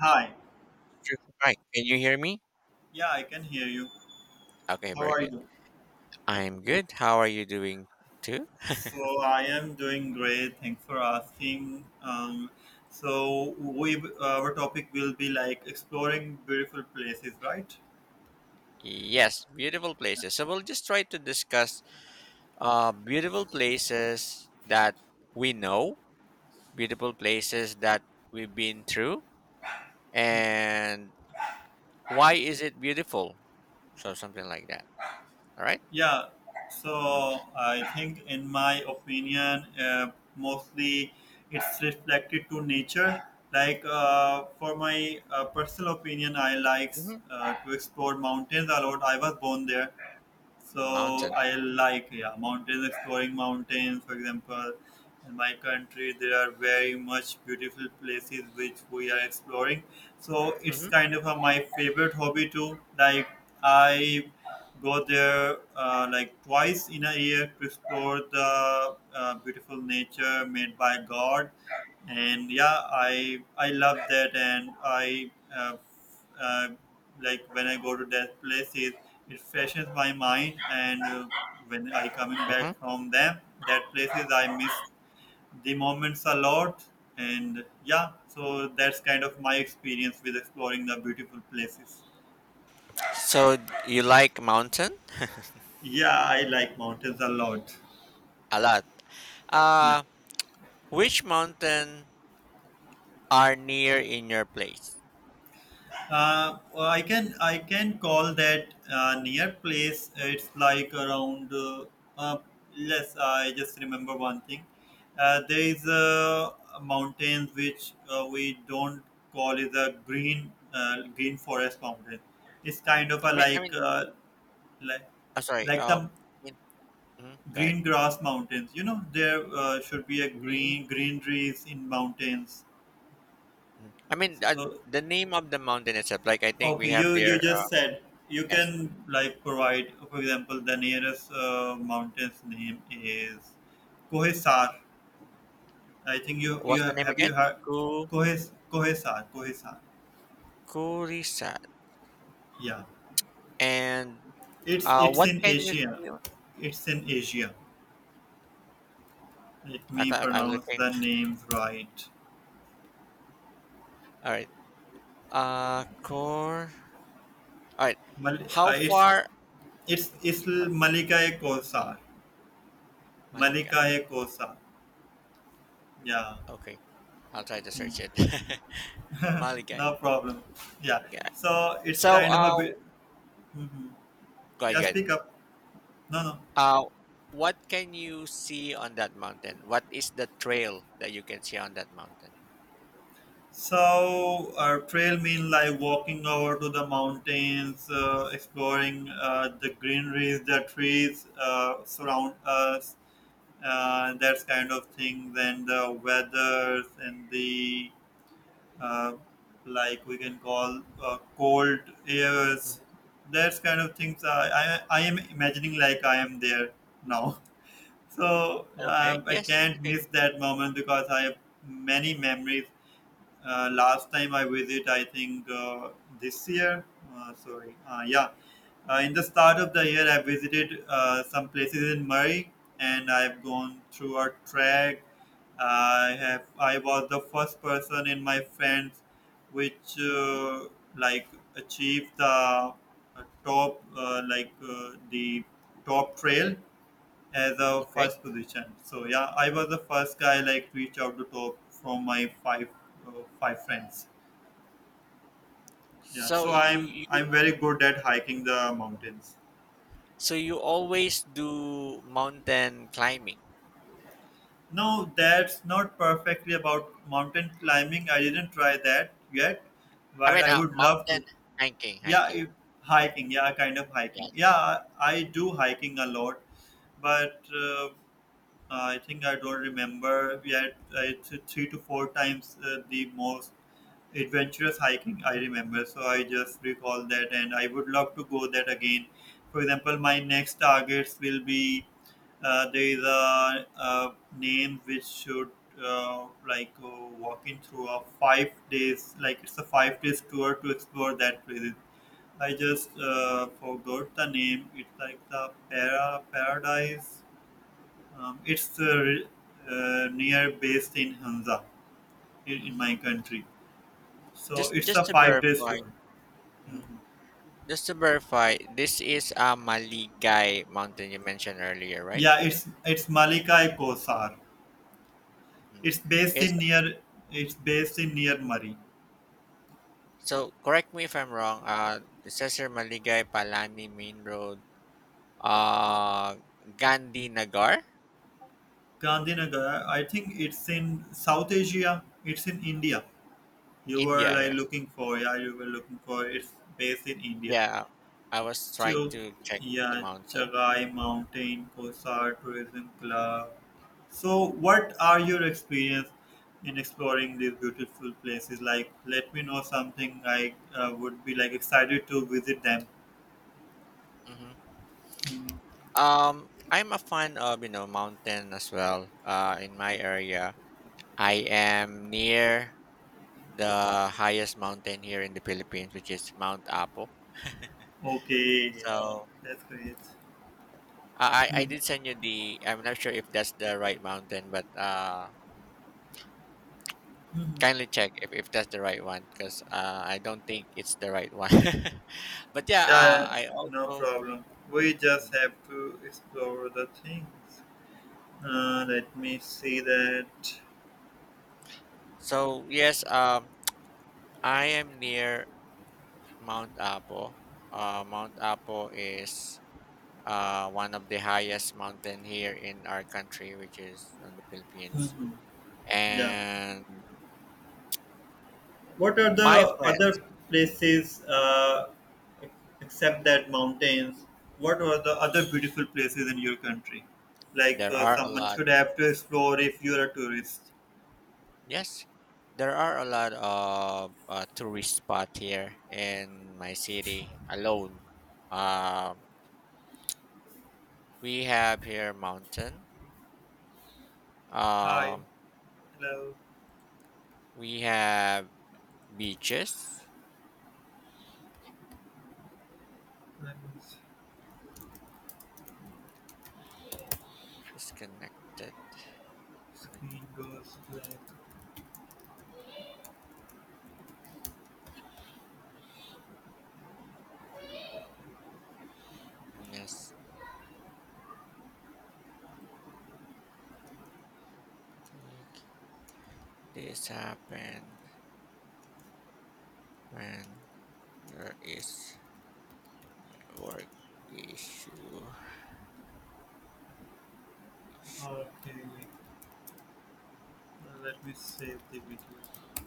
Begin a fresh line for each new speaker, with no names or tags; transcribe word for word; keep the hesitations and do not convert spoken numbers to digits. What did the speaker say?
Hi.
True. Right. Can you hear me?
Yeah, I can hear you.
Okay,
How
very
are
good.
you?
I'm good. How are you doing too?
So I am doing great. Thanks for asking. Um, so we uh, our topic will be like exploring beautiful places, right?
Yes, beautiful places. So we'll just try to discuss uh beautiful places that we know, beautiful places that we've been through, and why is it beautiful? So something like that. All right?
Yeah.
Mm-hmm.
So I think, in my opinion, uh, mostly it's reflected to nature. Like uh, for my uh, personal opinion, I likes
Mm-hmm.
uh, to explore mountains a lot. I was born there. So
Mountain.
I like, yeah, mountains, exploring mountains, for example. In my country, there are very much beautiful places which we are exploring. So it's
Mm-hmm.
kind of a, my favorite hobby too. Like I go there uh, like twice in a year to explore the uh, beautiful nature made by God, and yeah, I I love that, and I uh, uh, like when I go to that places. It freshens my mind, and uh, when I coming
Mm-hmm.
back from them, that places I miss the moments a lot. And yeah, so that's kind of my experience with exploring the beautiful places.
So you like mountain
Yeah, I like mountains a lot.
a lot.
Yeah.
Uh which mountain are near in your place?
Uh, well, I can I can call that uh, near place. It's like around. Uh, uh, yes, I just remember one thing. Uh, there is a mountain which uh, we don't call is a green uh, green forest mountain. It's kind of a
I mean, I
like
mean,
uh, like
I'm sorry.
like
Um,
the
in, mhm, go ahead.
green grass mountains. You know there uh, should be a
Green.
green greeneries in mountains.
Mhm. I mean, uh,
So,
the name of the mountain itself. Like I think we
okay,
have
you you
there. Uh,
just said you can
yes.
like provide, for example, the nearest uh, mountain's name is Kohesar. I think you you
What's the name
have
again?
you heard
Ku
Kohes Kohesar Kohesar.
Kurisat.
Yeah,
And
it's
uh,
it's
what
in
can you
Asia.
see on?
It's in Asia. Let
I
me
can I'm
pronounce
looking.
the names right.
All right. Uh, core. All right.
Mal-
How
uh, it's
far?
it's it's Malika Kosar. Malika
Maligay.
Kosar. Yeah,
Okay. I'll try to search it. Maligay.
no problem. Yeah.
Yeah.
So it's
So,
kind of a
uh,
bit.
go ahead.
Yeah,
Go ahead.
speak up. No, no.
Uh, what can you see on that mountain? What is the trail that you can see on that mountain?
So, uh, trail mean like walking over to the mountains, uh, exploring uh, the greeneries, the trees uh, surround us, uh, that kind of thing. Then the weathers and the uh, like we can call uh, cold airs.
Mhm.
That kind of things. I, I I am imagining like I am there now. So
Okay.
um, I
Yes. It's
can't
okay.
miss that moment because I have many memories. Uh, last time I visit, I think uh, this year. Uh, sorry, uh, yeah. Uh, in the start of the year, I visited uh, some places in Murray, and I've gone through a trek. I have. I was the first person in my friends, which
Hmm.
uh, like achieved the uh, top, uh, like uh, the top trail as a
Okay.
first position. So yeah, I was the first guy like reach out to top from my five uh, five friends. Yeah,
So
so
you
I'm
you
I'm very good at hiking the mountains.
so you always do mountain climbing.
No, that's not perfectly about mountain climbing. I didn't try that yet,
I
but
mean,
I
uh,
would love
mountain
to.
hiking,
Yeah,
hiking.
if, hiking. Yeah, kind of hiking.
Yes,
Yeah, I,
hiking.
I do hiking a lot, but uh, I think I don't remember yet. It's three to four times uh, the most adventurous hiking I remember, so I just recall that and I would love to go that again. For example, my next targets will be, uh, there is a, a name which should, uh, like uh, walking through a five days, like it's a five days tour to explore that place. I just uh, forgot the name. It's like the para paradise. um, it's uh, re- uh, Near based in Hanza in, in
Hmm.
my country, so
Just
it's a
just to
five day
verify,
tour.
mhm,
Mhm.
just to verify, this is a Maligay mountain you mentioned earlier, right?
Yeah, it's it's Malika e Kosar.
Hmm.
It's based
It's
in near, it's based in near Murray,
so, correct me if I'm wrong. Uh, it says here Maligay Palani Main Road, uh, Gandhi Nagar,
Gandhinagar. I think it's in South Asia. It's in India. You were
India.
like
Yeah,
looking for, yeah, you were looking for. It's based in India.
yeah, I was trying
चुक
to check
या
the mountain.
Chagai
Mhm.
Mountain Kosa Tourism Club. So, what are your experience in exploring these beautiful places? Like, let me know something I uh, would be like excited to visit them.
Hmm. Um, I'm a fan of you know mountain as well. Uh, in my area, I am near the highest mountain here in the Philippines, which is Mount Apo.
Okay, oh,
So
that's great.
I I I
Mhm.
did send you the. I'm not sure if that's the right mountain, but uh,
Mhm.
kindly check if, if that's the right one, because uh, I don't think it's the right one. But yeah, uh,
Yeah,
I
no
also.
problem. We just
Mhm.
have to explore the things. Uh, let me see that.
So yes, um, I am near Mount Apo. Uh, Mount Apo is uh, one of the highest mountain here in our country, which is on the Philippines.
Mhm. Yeah.
And
What are
my
the
friends,
other places uh, except that mountains? What are the other beautiful places in your country? Like
there
uh,
are a
someone
lot.
should have to explore if you're a tourist.
Yes, there are a lot of uh, tourist spot here in my city alone. Uh, we have here mountain.
Hi,
Um,
hello.
we have beaches.
Let my
Disconnected.
screen goes black.
Yes, I think this happened when there is a work issue.
Okay, let me save the video.